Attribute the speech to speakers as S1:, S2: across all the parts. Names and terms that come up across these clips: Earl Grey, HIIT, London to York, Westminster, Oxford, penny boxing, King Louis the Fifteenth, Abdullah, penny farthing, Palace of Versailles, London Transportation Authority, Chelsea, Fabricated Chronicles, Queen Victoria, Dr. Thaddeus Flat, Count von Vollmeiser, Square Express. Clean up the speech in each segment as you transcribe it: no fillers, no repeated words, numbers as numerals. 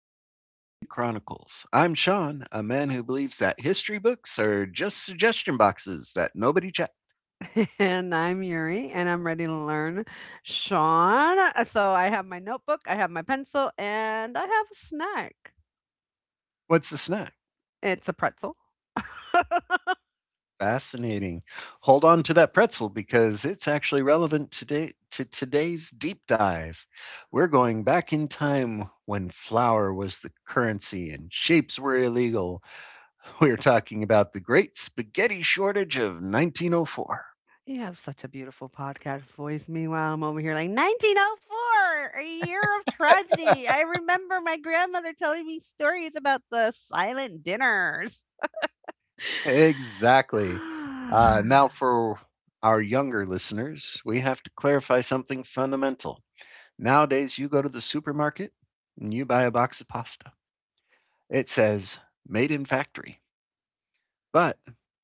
S1: the Fabricated Chronicles. I'm Sean, a man who believes that history books are just suggestion boxes that nobody checks.
S2: And I'm Yuri, and I'm ready to learn Sean. So I have my notebook, I have my pencil, and I have a snack.
S1: What's the snack?
S2: It's a pretzel.
S1: Fascinating. Hold on to that pretzel because it's actually relevant today to today's deep dive. We're going back in time when flour was the currency and shapes were illegal. We're talking about the great spaghetti shortage of 1904.
S2: You have such a beautiful podcast voice. Meanwhile, I'm over here like 1904, a year of tragedy. I remember my grandmother telling me stories about the silent dinners.
S1: Exactly. Uh, now, for our younger listeners, we have to clarify something fundamental. Nowadays, you go to the supermarket and you buy a box of pasta. It says made in factory. But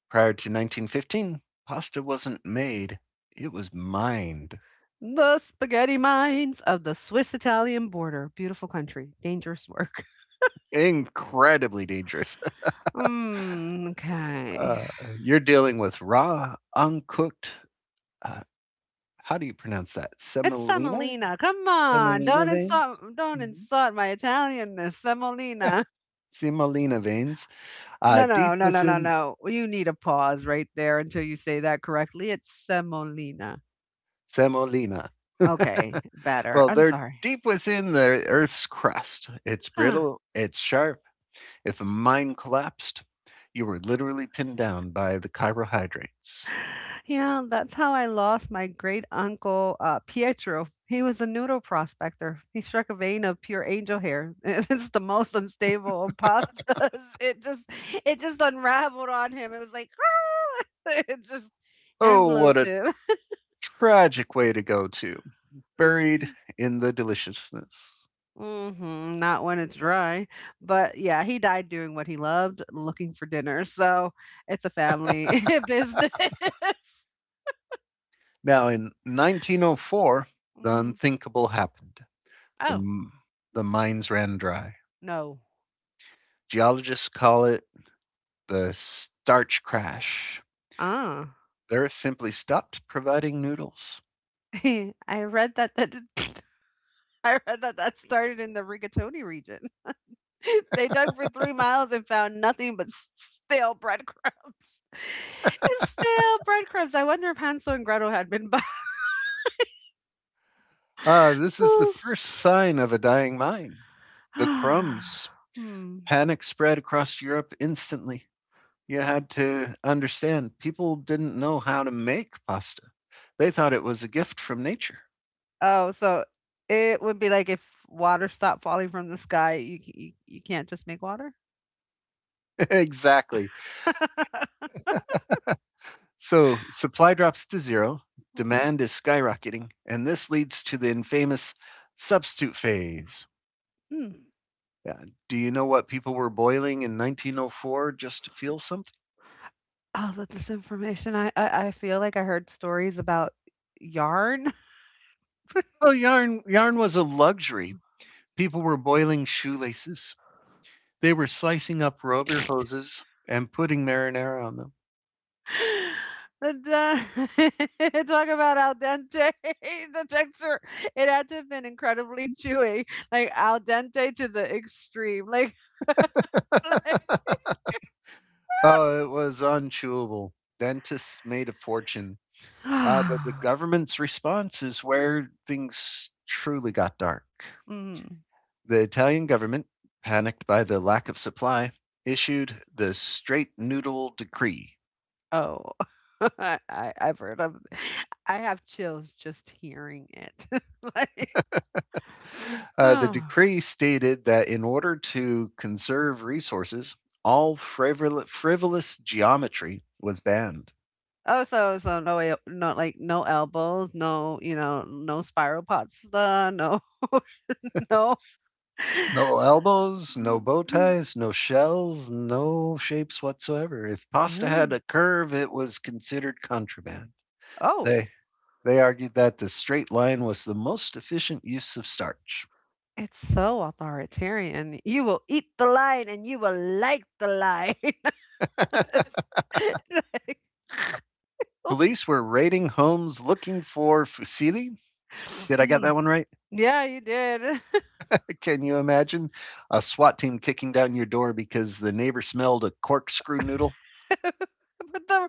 S1: prior to 1915, pasta wasn't made, it was mined.
S2: The spaghetti mines of the Swiss Italian border. Beautiful country. Dangerous work.
S1: Incredibly dangerous.
S2: Mm, okay.
S1: Uh, you're dealing with raw, uncooked, uh, how do you pronounce that?
S2: It's
S1: Semolina?
S2: semolina. Come on,
S1: Semolina
S2: don't
S1: veins?
S2: insult don't
S1: Mm-hmm.
S2: insult my Italianness. Semolina.
S1: Semolina veins,
S2: No, no,
S1: deep
S2: no, no, no, no,
S1: within
S2: no. You need a pause right there until you say that correctly. It's semolina.
S1: semolina.
S2: Okay, better.
S1: Well,
S2: I'm
S1: they're
S2: sorry.
S1: deep within the Earth's crust. It's
S2: Huh.
S1: brittle, it's sharp. If a mine collapsed, you were literally pinned down by the carbohydrates.
S2: You know, that's how I lost my great uncle Pietro. He was a noodle prospector. He struck a vein of pure angel hair. This is the most unstable of pastas. It just, it just unraveled on him. It was like it just
S1: Oh, what
S2: enveloped
S1: a
S2: him.
S1: tragic way to go, to buried
S2: Mm.
S1: in the deliciousness.
S2: Mhm, not when it's dry. But, yeah, he died doing what he loved, looking for dinner, so it's a family business.
S1: Now, in 1904, the
S2: Mhm.
S1: unthinkable happened.
S2: Oh,
S1: The, the mines ran dry.
S2: no.
S1: Geologists call it the starch crash.
S2: Ah,
S1: Earth simply stopped providing noodles.
S2: I read that that I read that that started in the Rigatoni region. They dug for 3 miles and found nothing but s stale breadcrumbs. Stale breadcrumbs. I wonder if Hansel and Gretel had been by.
S1: Ah, this is the first sign of a dying mine. The crumbs.
S2: Hmm.
S1: Panic spread across Europe instantly. You had to understand people didn't know how to make pasta. They thought it was a gift from nature.
S2: Oh, so it would be like if water stopped falling from the sky, you c- you can't just make water?
S1: Exactly. So supply drops to zero,
S2: Mm.
S1: demand is skyrocketing, and this leads to the infamous substitute phase.
S2: Mm.
S1: Yeah. Do you know what people were boiling in 1904 just to feel something?
S2: All of this information, I feel like I heard stories about yarn.
S1: Well, yarn was a luxury. People were boiling shoelaces. They were slicing up rubber hoses and putting marinara on them.
S2: That, talk about al dente, the texture. It had to have been incredibly chewy, like al dente to the extreme, like like.
S1: Oh, it was unchewable. Dentists made a fortune. But the government's response is where things truly got dark.
S2: Mm.
S1: The Italian government, panicked by the lack of supply, issued the Straight Noodle Decree.
S2: Oh, I I've heard of. I have chills just hearing it. Like,
S1: The
S2: oh.
S1: decree stated that in order to conserve resources, all frivolous geometry was banned.
S2: Oh, so no, like, no elbows, no, no spiral pasta, no. No.
S1: No elbows, no bow
S2: Mm,
S1: ties, no shells, no shapes whatsoever. If pasta had a
S2: really?
S1: curve, it was considered contraband.
S2: Oh,
S1: They they argued that the straight line was the most efficient use of starch.
S2: it's so authoritarian. You will eat the line and you will like the line. It's like.
S1: Police were raiding homes looking for fusilli. Did I get
S2: Mm.
S1: that one right?
S2: Yeah, you did.
S1: Can you imagine a SWAT team kicking down your door because the neighbor smelled a corkscrew noodle?
S2: put the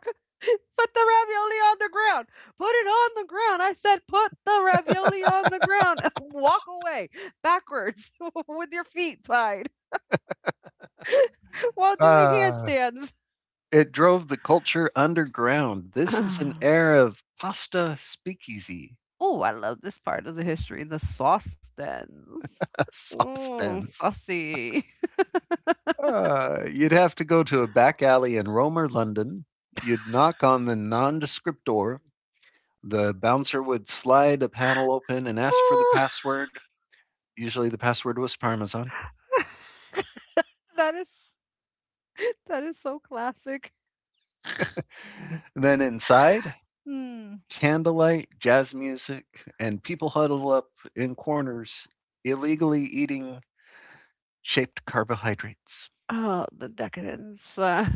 S2: put the ravioli on the ground. Put it on the ground. I said put the ravioli on the ground. Walk away backwards with your feet tied while doing
S1: Uh,
S2: handstands.
S1: It drove the culture underground. This is an era of pasta speakeasy.
S2: Oh, I love this part of the history. The sauce stands.
S1: Sauce
S2: Mm,
S1: stands.
S2: saucy.
S1: You'd have to go to a back alley in Rome or London. You'd knock on the nondescript door. The bouncer would slide a panel open and ask for the
S2: Ah,
S1: password. Usually the password was Parmesan.
S2: that is that is so classic.
S1: Then inside,
S2: Hmm.
S1: candlelight, jazz music, and people huddle up in corners, illegally eating shaped carbohydrates.
S2: Oh, the decadence.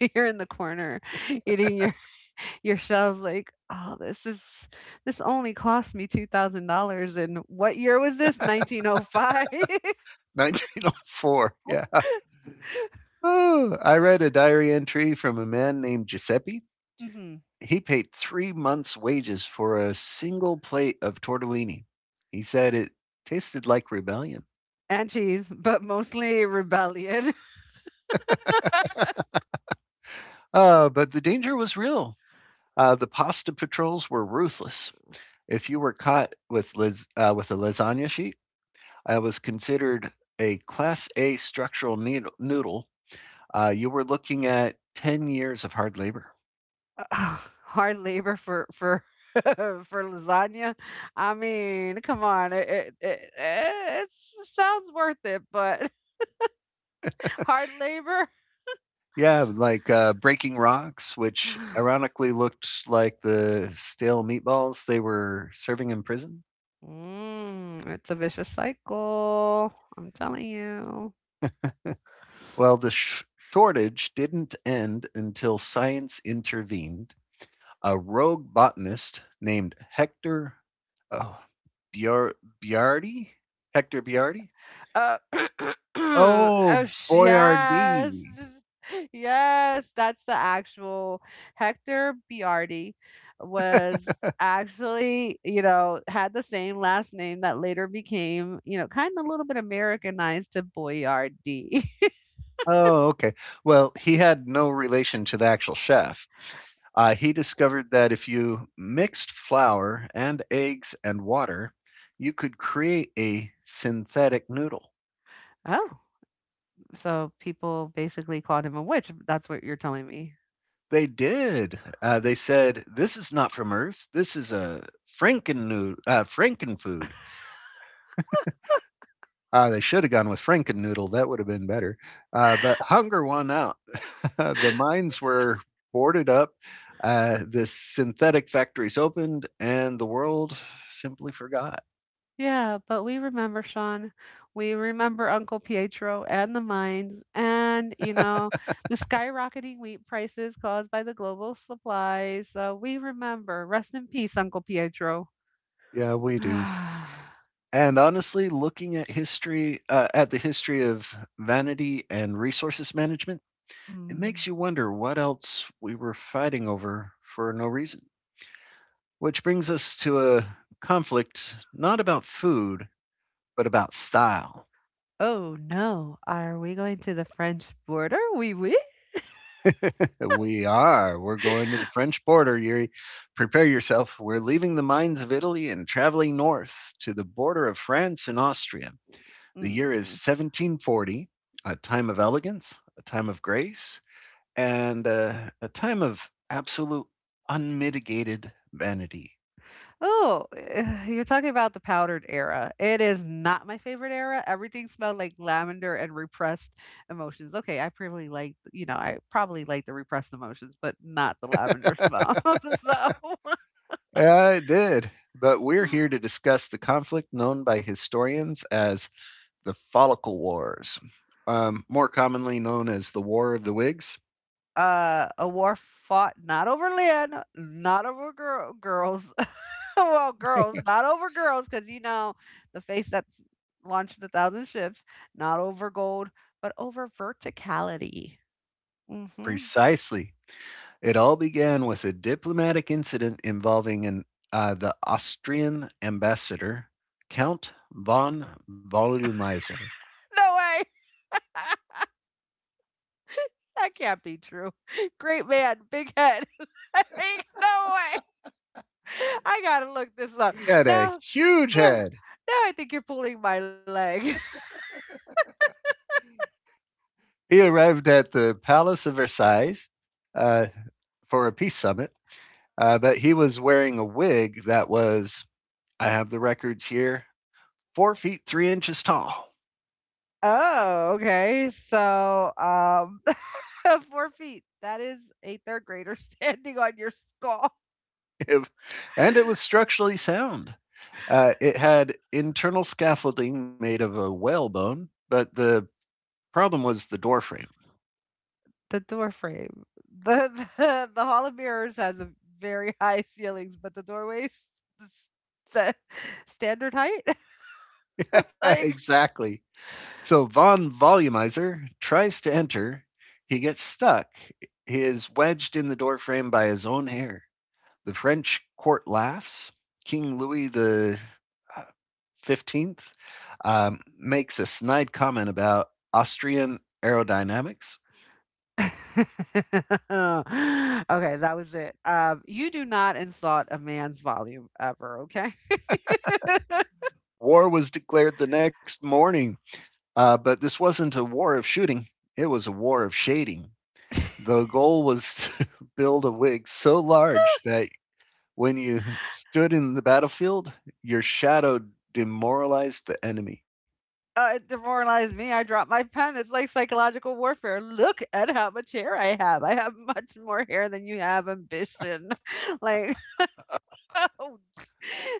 S2: you're in the corner eating your your shells like, "Oh, this only cost me $2,000." And what year was this? 1905.
S1: 1904, yeah. Oh, I read a diary entry from a man named Giuseppe.
S2: Mhm.
S1: He paid 3 months' wages for a single plate of tortellini. He said it tasted like rebellion.
S2: And cheese, but mostly rebellion.
S1: But the danger was real. The pasta patrols were ruthless. If you were caught with, with a lasagna sheet, I was considered a Class A structural noodle. You were looking at 10 years of hard labor.
S2: Ugh, hard labor for for lasagna. I mean, come on. It sounds worth it, but hard labor?
S1: Yeah, like breaking rocks, which ironically looked like the stale meatballs they were serving in prison.
S2: Mm, it's a vicious cycle. I'm telling you.
S1: Well, the shortage didn't end until science intervened. A rogue botanist named Hector oh, Biar- Biardi? Hector Biardi?
S2: Uh, oh,
S1: Oh,
S2: yes.
S1: Boyardee.
S2: Just, yes. That's the actual Hector Biardi was actually, had the same last name that later became, kind of a little bit Americanized to Boyardee.
S1: Oh, okay. Well, he had no relation to the actual chef. He discovered that if you mixed flour and eggs and water, you could create a synthetic noodle.
S2: Oh, so people basically called him a witch. That's what you're telling me.
S1: They did. They said, "This is not from Earth. This is a Franken food." They should have gone with Franken Noodle. That would have been better. But hunger won out. The mines were boarded up. The synthetic factories opened, and the world simply forgot.
S2: Yeah, but we remember, Sean. We remember Uncle Pietro and the mines and, the skyrocketing wheat prices caused by the global supplies. So we remember. Rest in peace, Uncle Pietro.
S1: Yeah, we do. And honestly, looking at history, at the history of vanity and resources management, it
S2: Mm.
S1: makes you wonder what else we were fighting over for no reason. Which brings us to a conflict not about food, but about style.
S2: Oh no, are we going to the French border? Oui, oui.
S1: We are. We're going to the French border, Yuri. Prepare yourself. We're leaving the mines of Italy and traveling north to the border of France and Austria. The year is
S2: Mm.
S1: 1740, a time of elegance, a time of grace, and a time of absolute unmitigated vanity.
S2: Oh, you're talking about the powdered era. It is not my favorite era. Everything smelled like lavender and repressed emotions. Okay, I probably like, I probably like the repressed emotions, but not the lavender smell. So,
S1: Yeah, it did. But we're here to discuss the conflict known by historians as the Follicle Wars, more commonly known as the War of the Whigs.
S2: a war fought not over land, not over girls. Well, girls, not over girls, because you know the face that's launched a thousand ships, not over gold, but over verticality. Hmm.
S1: Precisely. It all began with a diplomatic incident involving an the Austrian ambassador, Count von Vollmeiser.
S2: No way. That can't be true. Great man, big head. Like, no way. I gotta look this up.
S1: He had a
S2: No,
S1: huge
S2: no, no,
S1: head.
S2: I think you're pulling my leg.
S1: He arrived at the Palace of Versailles uh, for a peace summit, but he was wearing a wig that was, I have the records here, 4 feet 3 inches tall.
S2: Oh, okay. So, 4 feet. That is a third grader standing on your skull.
S1: And it was structurally sound. It had internal scaffolding made of a whalebone, but the problem was the doorframe.
S2: The door frame. The Hall of Mirrors has a very high ceilings, but the doorways, the sta- standard height. Like.
S1: Exactly. So Von Volumizer tries to enter. He gets stuck. He is wedged in the doorframe by his own hair. The French court laughs. King Louis the uh, 15th makes a snide comment about Austrian aerodynamics.
S2: Okay, that was it. You do not insult a man's volume ever, okay? uh,
S1: War was declared the next morning, but this wasn't a war of shooting. It was a war of shading. The goal was to build a wig so large that when you stood in the battlefield, your shadow demoralized the enemy.
S2: it demoralized me. I dropped my pen. It's like psychological warfare. Look at how much hair I have. I have much more hair than you have ambition. Like. Oh,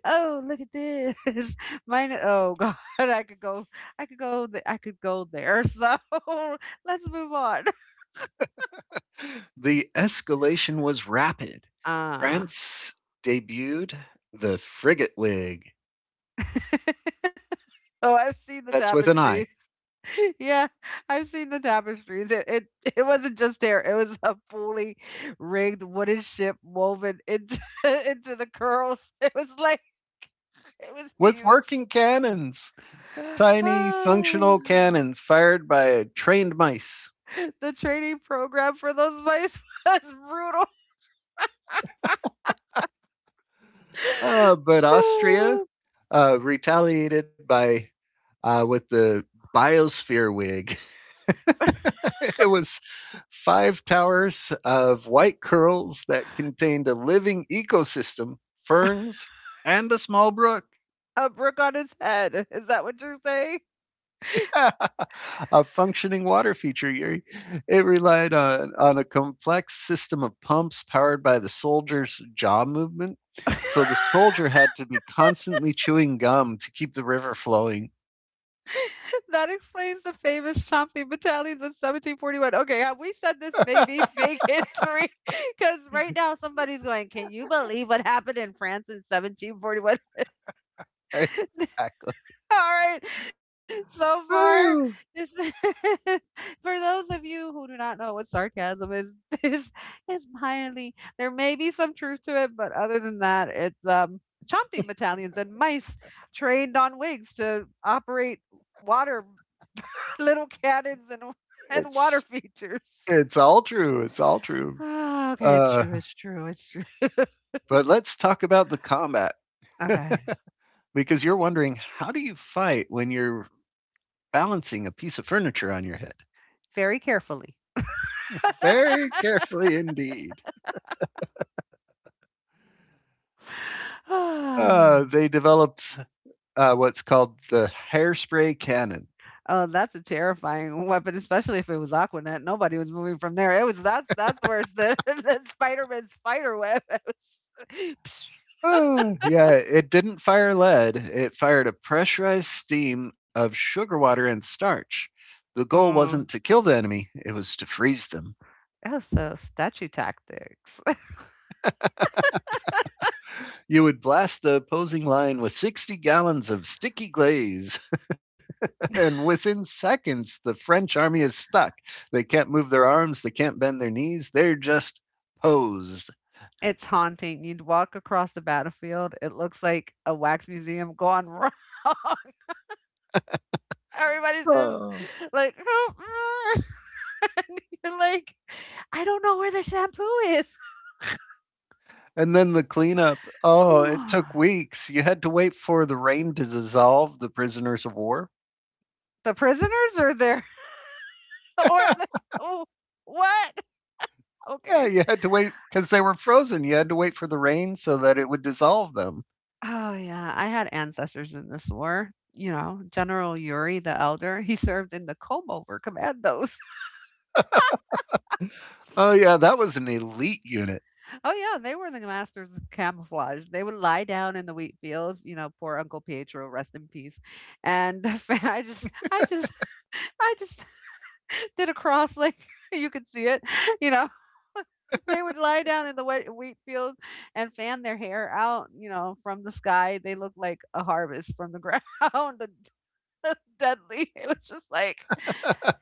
S2: oh, look at this. Mine. Oh God, I could go. I could go. I could go there. So, let's move on.
S1: The escalation was rapid.
S2: Uh,
S1: France debuted the frigate wig.
S2: oh, I've seen the
S1: That's with an I.
S2: tapestry. Yeah, I've seen the tapestries. It it wasn't just hair; it was a fully rigged wooden ship woven into into the curls. It was like, it was
S1: With
S2: huge.
S1: working cannons, tiny functional cannons fired by trained mice.
S2: Ah, the training program for those mice was brutal.
S1: But Austria retaliated by with the biosphere wig. It was five towers of white curls that contained a living ecosystem, ferns, and a small brook.
S2: Ah, a brick on his head. Is that what you're saying?
S1: A functioning water feature, Yuri. It relied on a complex system of pumps powered by the soldier's jaw movement. So the soldier had to be constantly chewing gum to keep the river flowing.
S2: That explains the famous chomping battalions in 1741. Okay, have we said this may be fake history? Because right now somebody's going, can you believe what happened in France in 1741?
S1: Exactly.
S2: All right, so far,
S1: Woo.
S2: this is for those of you who do not know what sarcasm is, this is highly, there may be some truth to it, but other than that, it's chomping battalions and mice trained on wigs to operate water. Little cannons and and water
S1: It's
S2: features.
S1: all true. It's all true.
S2: Ah, okay, it's
S1: Uh,
S2: true, it's true, it's true.
S1: but let's talk about the combat
S2: Okay,
S1: because you're wondering how do you fight when you're balancing a piece of furniture on your head?
S2: very carefully.
S1: Very carefully indeed.
S2: Ah.
S1: They developed what's called the hairspray cannon.
S2: Oh, that's a terrifying weapon, especially if it was Aquanet. Nobody was moving from there. It was, that's worse than, than Spider-Man's spider web. It was.
S1: Yeah, it didn't fire lead. It fired a pressurized steam of sugar water and starch. The goal
S2: Mm.
S1: wasn't to kill the enemy, it was to freeze them.
S2: Oh, so statue tactics.
S1: You would blast the opposing line with 60 gallons of sticky glaze, and within seconds, the French army is stuck. They can't move their arms, they can't bend their knees, they're just posed.
S2: It's haunting. You'd walk across the battlefield. It looks like a wax museum gone wrong. Everybody's just
S1: Oh.
S2: like. You're like, I don't know where the shampoo is.
S1: And then the cleanup, oh, it took weeks. You had to wait for the rain to dissolve the prisoners of war.
S2: The prisoners are there, or the oh, what?
S1: Yeah,
S2: Okay.
S1: you had to wait because they were frozen. You had to wait for the rain so that it would dissolve them.
S2: Oh yeah, I had ancestors in this war. You know, General Yuri the Elder, he served in the Komover Commandos.
S1: Oh, yeah, that was an elite unit.
S2: Oh yeah, they were the masters of camouflage. They would lie down in the wheat fields. You know, poor Uncle Pietro, rest in peace. And I just did a cross, like you could see it, you know. They would lie down in the wet wheat field and fan their hair out, from the sky. They looked like a harvest from the ground. The deadly. It was just like,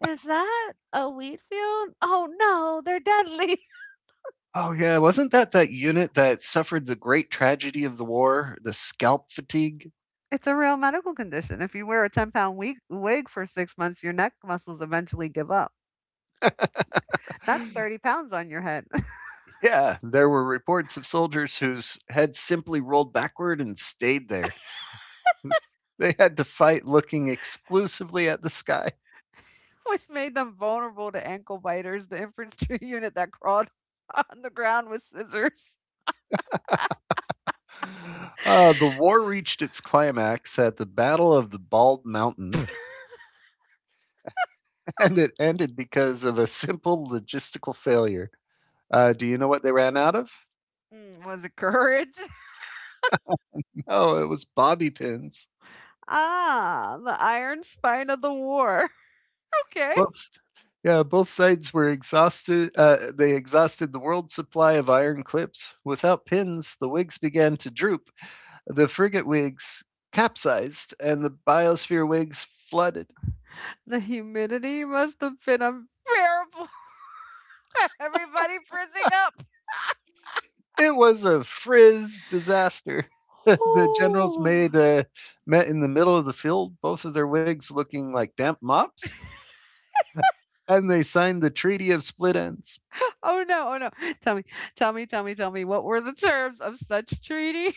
S2: is that a wheat field? Oh no, they're deadly.
S1: Oh, yeah, wasn't that that unit that suffered the great tragedy of the war, the scalp fatigue?
S2: It's a real medical condition. If you wear a 10-pound wig for 6 months, your neck muscles eventually give up. That's 30 pounds on your head.
S1: Yeah, there were reports of soldiers whose heads simply rolled backward and stayed there. They had to fight looking exclusively at the sky.
S2: Which made them vulnerable to ankle biters. The infantry unit that crawled on the ground with scissors.
S1: The war reached its climax at the Battle of the Bald Mountain, and it ended because of a simple logistical failure. Do you know what they ran out of?
S2: Mm, was a courage.
S1: No, it was bobby pins.
S2: Ah, the iron spine of the war. Okay.
S1: Both, yeah, both sides were exhausted. They exhausted the world supply of iron clips. Without pins, the wigs began to droop. The frigate wigs capsized, and the biosphere wigs flooded.
S2: The humidity must have been unbearable. Everybody frizzing up.
S1: It was a frizz disaster. The generals
S2: Ooh.
S1: made met in the middle of the field, both of their wigs looking like damp mops, and they signed the Treaty of Split Ends.
S2: Oh no, oh no. Tell me, tell me, tell me, tell me, what were the terms of such treaty?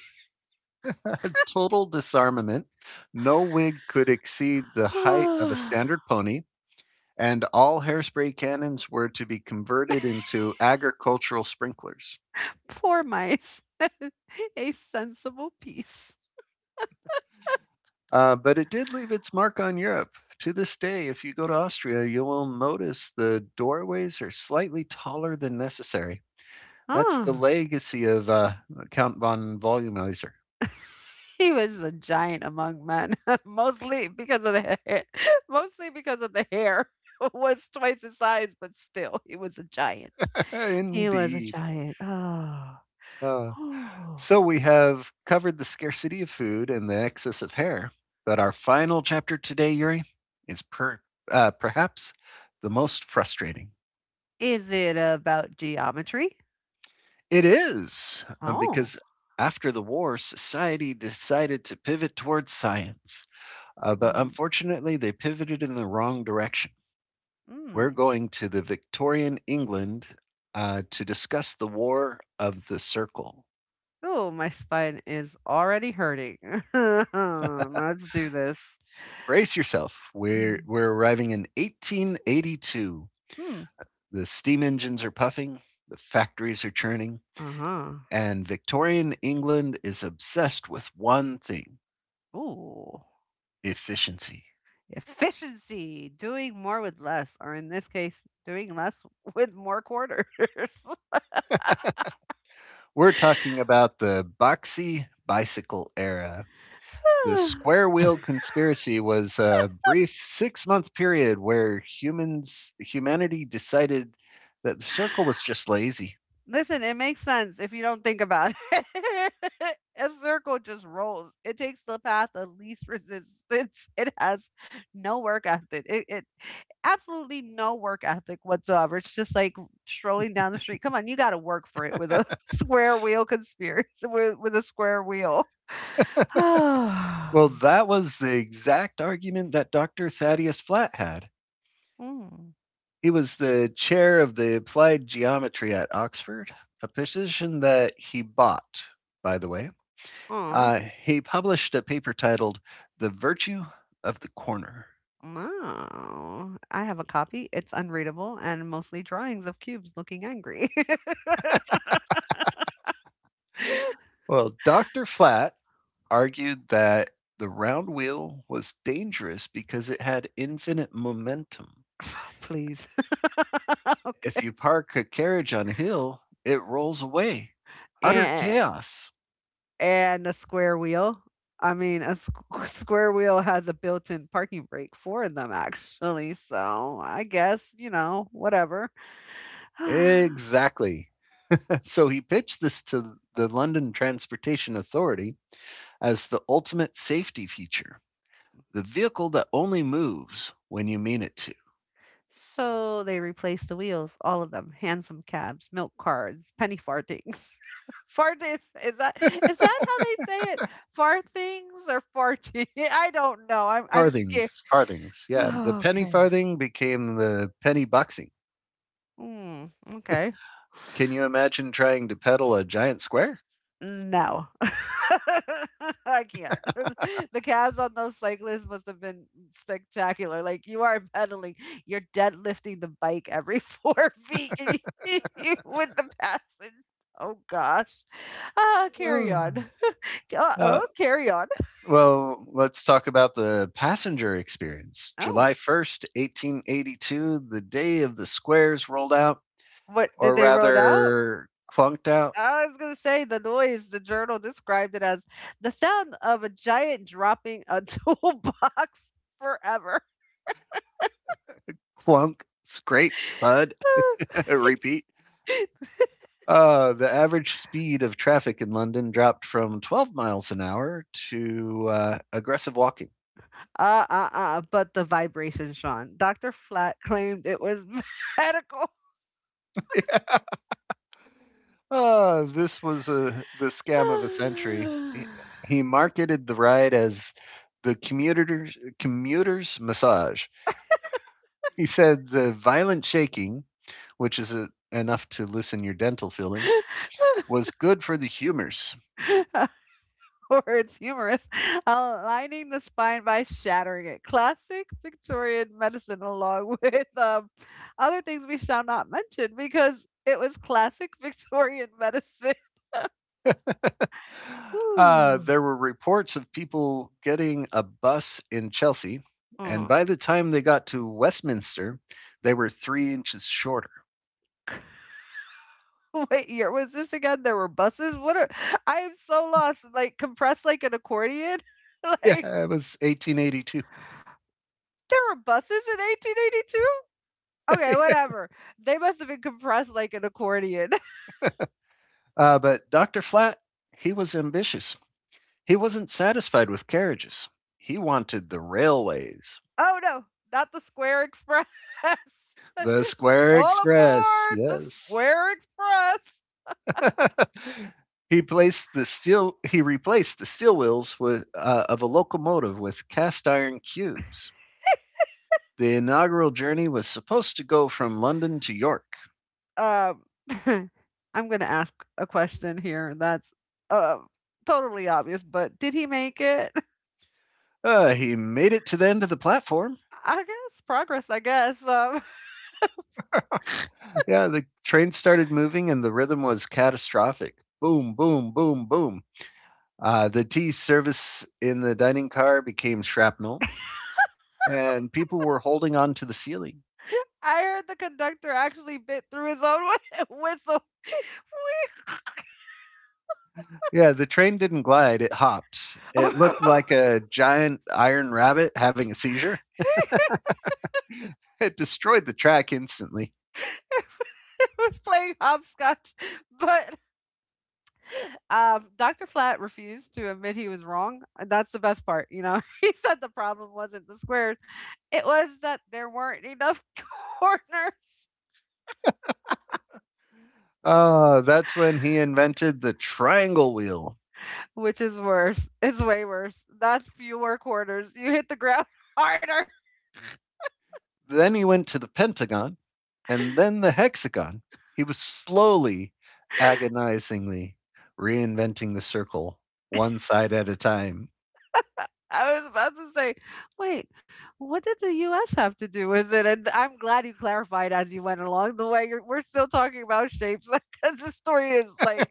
S1: Total disarmament. No wig could exceed the height of a
S2: Poor
S1: standard pony, and all hairspray cannons were to be converted into agricultural sprinklers.
S2: mice. A sensible peace.
S1: But it did leave its mark on Europe. To this day, if you go to Austria, you will notice the doorways are slightly taller than necessary. That's the
S2: Ah,
S1: legacy of Count von Volumizer.
S2: he was a giant among men, mostly because of the hair mostly because of the hair was twice his size, but still, he was a giant. He was a
S1: Indeed.
S2: giant. Oh.
S1: Uh,
S2: Oh!
S1: so we have covered the scarcity of food and the excess of hair, but our final chapter today, Yuri, is perhaps the most frustrating.
S2: Is it about geometry?
S1: It is,
S2: Oh.
S1: because after the war, society decided to pivot towards science, but
S2: Mm,
S1: unfortunately, they pivoted in the wrong direction. We're
S2: mm.
S1: going to the Victorian England to discuss the War of the Circle.
S2: Oh, my spine is already hurting. Let's do this.
S1: Brace yourself. We're,
S2: Mm,
S1: we're arriving in 1882.
S2: mm,
S1: The steam engines are puffing, the factories are churning,
S2: uh-huh.
S1: and Victorian England is obsessed with one thing:
S2: Ooh.
S1: efficiency.
S2: Efficiency, doing more with less, or in this case, doing less with more quarters.
S1: We're talking about the boxy bicycle era, the square wheel conspiracy was a brief 6 month period where humans humanity decided that the circle was just lazy.
S2: Listen, it makes sense if you don't think about it. A circle just rolls. It takes the path of least resistance. It has no work ethic. It absolutely no work ethic whatsoever. It's just like strolling down the street. Come on, you got to work for it with a square wheel conspiracy with a square wheel. Mm.
S1: Well, that was the exact argument that Dr. Thaddeus Flat had. He was the chair of the Applied Geometry at Oxford, a position that he bought, by the way.
S2: Aw.
S1: He published a paper titled The Virtue of the Corner.
S2: No, I have a copy. It's unreadable and mostly drawings of cubes looking angry.
S1: Well, Dr. Flat argued that the round wheel was dangerous because it had infinite momentum.
S2: Please. Okay.
S1: If you park a carriage on a hill, it rolls away. Utter
S2: And
S1: chaos.
S2: and a square wheel. I mean, a square wheel has a built-in parking brake for them actually, so I guess, whatever.
S1: Exactly. So he pitched this to the London Transportation Authority as the ultimate safety feature, the vehicle that only moves when you mean it to.
S2: So they replaced the wheels, all of them, handsome cabs, milk cards, penny farthings. Farthings, is that how they say it? Farthings or farting? I don't know. I'm scared.
S1: Farthings, farthings. Yeah, the penny
S2: Okay.
S1: farthing became the penny boxing.
S2: Mm, okay.
S1: Can you imagine trying to pedal a giant square?
S2: No. I can't. The calves on those cyclists must have been spectacular. Like you are pedaling, you're deadlifting the bike every 4 feet and you- you- with the passage. Oh gosh. Ah, carry on.
S1: Uh,
S2: Uh oh, carry on.
S1: Well, let's talk about the passenger experience.
S2: Oh,
S1: July 1st, 1882, the day of the squares rolled out,
S2: what did
S1: or
S2: they roll out?
S1: rather clunked out.
S2: I was going to say the noise. The journal described it as the sound of a giant dropping a toolbox forever.
S1: Clunk, scrape, thud, repeat. The average speed of traffic in London dropped from 12 miles an hour to aggressive walking.
S2: But the vibration, Sean. Dr. Flat claimed it was medical.
S1: This was the scam of a century. He marketed the ride as the commuter's massage. He said the violent shaking, which is enough to loosen your dental filling, was good for the humors.
S2: Or it's humorous, aligning the spine by shattering it. Classic Victorian medicine, along with other things we shall not mention because it was classic Victorian medicine.
S1: Uh,
S2: Woo.
S1: there were reports of people getting a bus in Chelsea, and
S2: Mhm.
S1: by the time they got to Westminster, they were 3 inches shorter.
S2: What year was this again? There were buses. What? I am so lost. Like compressed like an accordion. like
S1: Yeah, it was 1882.
S2: There were buses in 1882? Okay, whatever. They must have been compressed like an accordion.
S1: But Dr. Flat, he was ambitious. He wasn't satisfied with carriages, he wanted the railways,
S2: Oh no, not the Square Express.
S1: the Square
S2: All
S1: Express.
S2: aboard the
S1: Yes.
S2: Square Express.
S1: He placed the steel. He replaced the steel wheels of a locomotive with cast iron cubes. The inaugural journey was supposed to go from London to York.
S2: Um, I'm going to ask a question here that's uh, totally obvious, but did he make it?
S1: He made it to the end of the platform.
S2: I guess progress, I guess.
S1: Yeah, the train started moving and the rhythm was catastrophic. Boom, boom, boom, boom. The tea service in the dining car became shrapnel, and people were holding on to the ceiling.
S2: I heard the conductor actually bit through his own whi- whistle.
S1: Yeah, the train didn't glide, it hopped.
S2: We
S1: It looked like a giant iron rabbit having a seizure. It destroyed the track instantly.
S2: it was playing hopscotch, but um, Dr. Flat refused to admit he was wrong. And that's the best part, you know. He said the problem wasn't the squares, it was that there weren't enough corners,
S1: That's when he invented the triangle wheel.
S2: which is worse. It's way worse. That's fewer corners. You hit the ground harder.
S1: Then he went to the Pentagon and then the hexagon. He was slowly, agonizingly reinventing the circle one side at a time.
S2: I was about to say, wait, what did the U.S. have to do with it? And I'm glad you clarified as you went along the way. We're still talking about shapes because the story is like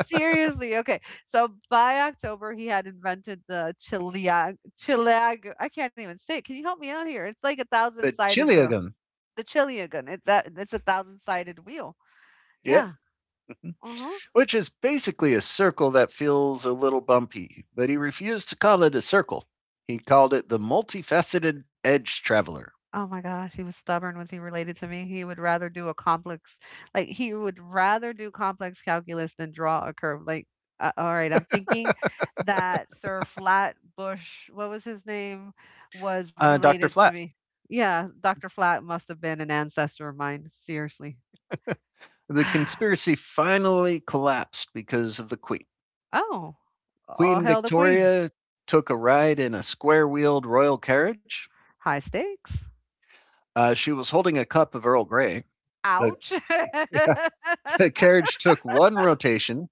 S2: seriously, okay. So by October, he had invented the Chileag I can't even say it. Can you help me out here? It's like a
S1: The
S2: thousand-sided wheel.
S1: chiliagon,
S2: The Chiliagan. It's a thousand-sided wheel. Yeah.
S1: yes,
S2: Uh huh.
S1: which is basically a circle that feels a little bumpy, but he refused to call it a circle. He called it the multifaceted edge traveler.
S2: Oh my gosh, he was stubborn. Was he related to me? He would rather do complex calculus than draw a curve. Like, all right, I'm thinking that Sir Flatbush, what was his name, was
S1: Uh, Dr.
S2: related to
S1: Flat.
S2: me. Yeah, Dr. Flat must have been an ancestor of mine, seriously.
S1: The conspiracy finally collapsed because of the Queen.
S2: Oh, all
S1: Queen
S2: hail the queen.
S1: Victoria took a ride in a square wheeled royal carriage.
S2: High stakes.
S1: She was holding a cup of Earl Grey. The,
S2: Ouch.
S1: yeah, the carriage took one rotation,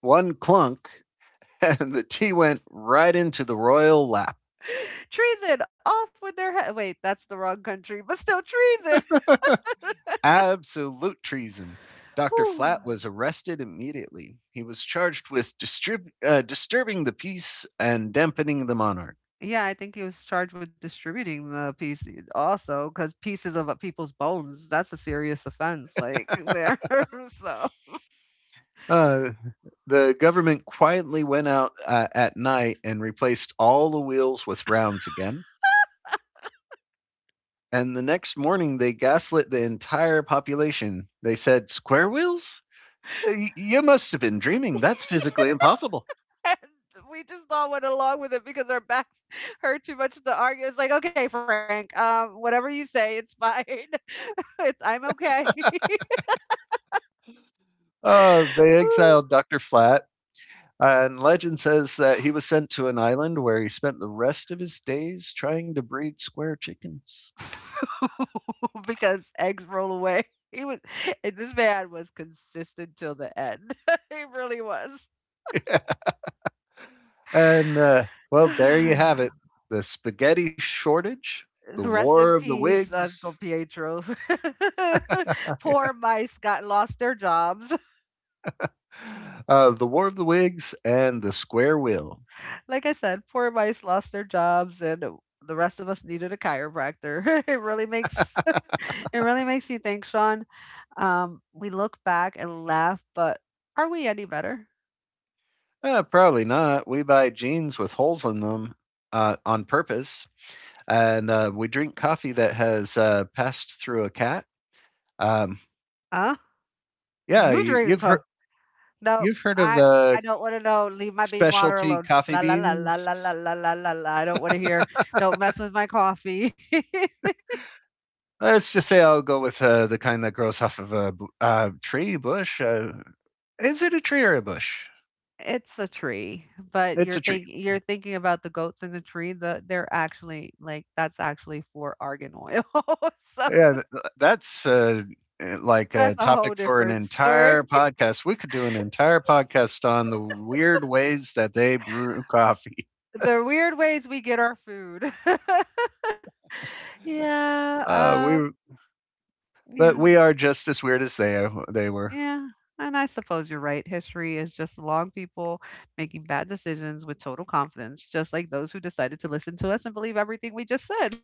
S1: one clunk, and the tea went right into the royal lap.
S2: Treason. Off with their head. Wait, that's the wrong country, but still treason.
S1: Absolute treason. Dr. Flat
S2: Whew.
S1: was arrested immediately. He was charged with disturbing the peace and dampening the monarch.
S2: Yeah, I think he was charged with distributing the piece eh, also, because pieces of people's bones, that's a serious offense. Like, there. So,
S1: Uh, the government quietly went out at night and replaced all the wheels with rounds again. And the next morning, they gaslit the entire population. They said, Square wheels? You must have been dreaming. That's physically impossible.
S2: and we just all went along with it because our backs hurt too much to argue. It's like, okay, Frank, whatever you say, it's fine. it's, I'm okay.
S1: They
S2: Woo.
S1: exiled Dr. Flat, and legend says that he was sent to an island where he spent the rest of his days trying to breed square chickens.
S2: Because eggs roll away. He was, and this man was consistent till the end. He really was.
S1: and, uh, well, there you have it, the spaghetti shortage, the
S2: Rest
S1: war
S2: in
S1: of the
S2: peace, Uncle
S1: wigs,
S2: Pietro. Poor mice got lost their jobs.
S1: the war of the wigs, and the square wheel.
S2: Like I said, poor mice lost their jobs, and the rest of us needed a chiropractor. it really makes it really makes you think, Sean. We look back and laugh, but are we any better?
S1: Probably not. We buy jeans with holes in them on purpose, and we drink coffee that has passed through a cat. Um,
S2: Huh?
S1: yeah,
S2: You drink? Co- No,
S1: you've heard of
S2: I
S1: the
S2: I don't want to know. Leave my bean water
S1: specialty
S2: alone.
S1: coffee
S2: La la la la la la
S1: beans.
S2: la la la la. I don't want to hear. Don't mess with my coffee.
S1: Let's just say I'll go with the kind that grows off of a tree bush. Is it a tree or a bush?
S2: It's a tree, but
S1: It's
S2: you're
S1: a tree.
S2: think you're thinking about the goats in the tree, they're actually like, that's actually for argan oil. So
S1: Yeah, th- th- that's like
S2: that's
S1: a
S2: a whole
S1: topic for an
S2: different story.
S1: entire podcast. We could do an entire podcast on the weird ways that they brew coffee.
S2: The weird ways we get our food. Yeah,
S1: Uh,
S2: um,
S1: we, but we
S2: yeah,
S1: are just as weird as they were,
S2: yeah. And I suppose you're right. History is just long people making bad decisions with total confidence, just like those who decided to listen to us and believe everything we just said.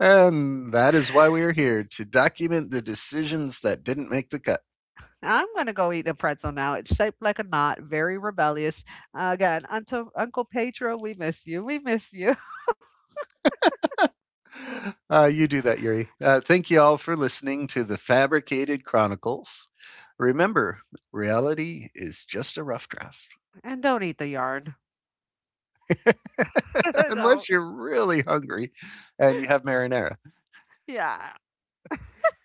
S1: and that is why we are here to document the decisions that didn't make the cut.
S2: I'm gonna go eat a pretzel now. It's shaped like a knot, very rebellious. Again, Uncle Pedro, we miss you. We miss you.
S1: You do that, Yuri. Thank you all for listening to the Fabricated Chronicles. Remember, reality is just a rough draft.
S2: And don't eat the yarn. Don't.
S1: Unless you're really hungry and you have marinara.
S2: Yeah.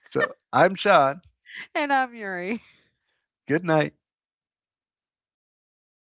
S1: So I'm Sean.
S2: And I'm Yuri.
S1: Good night.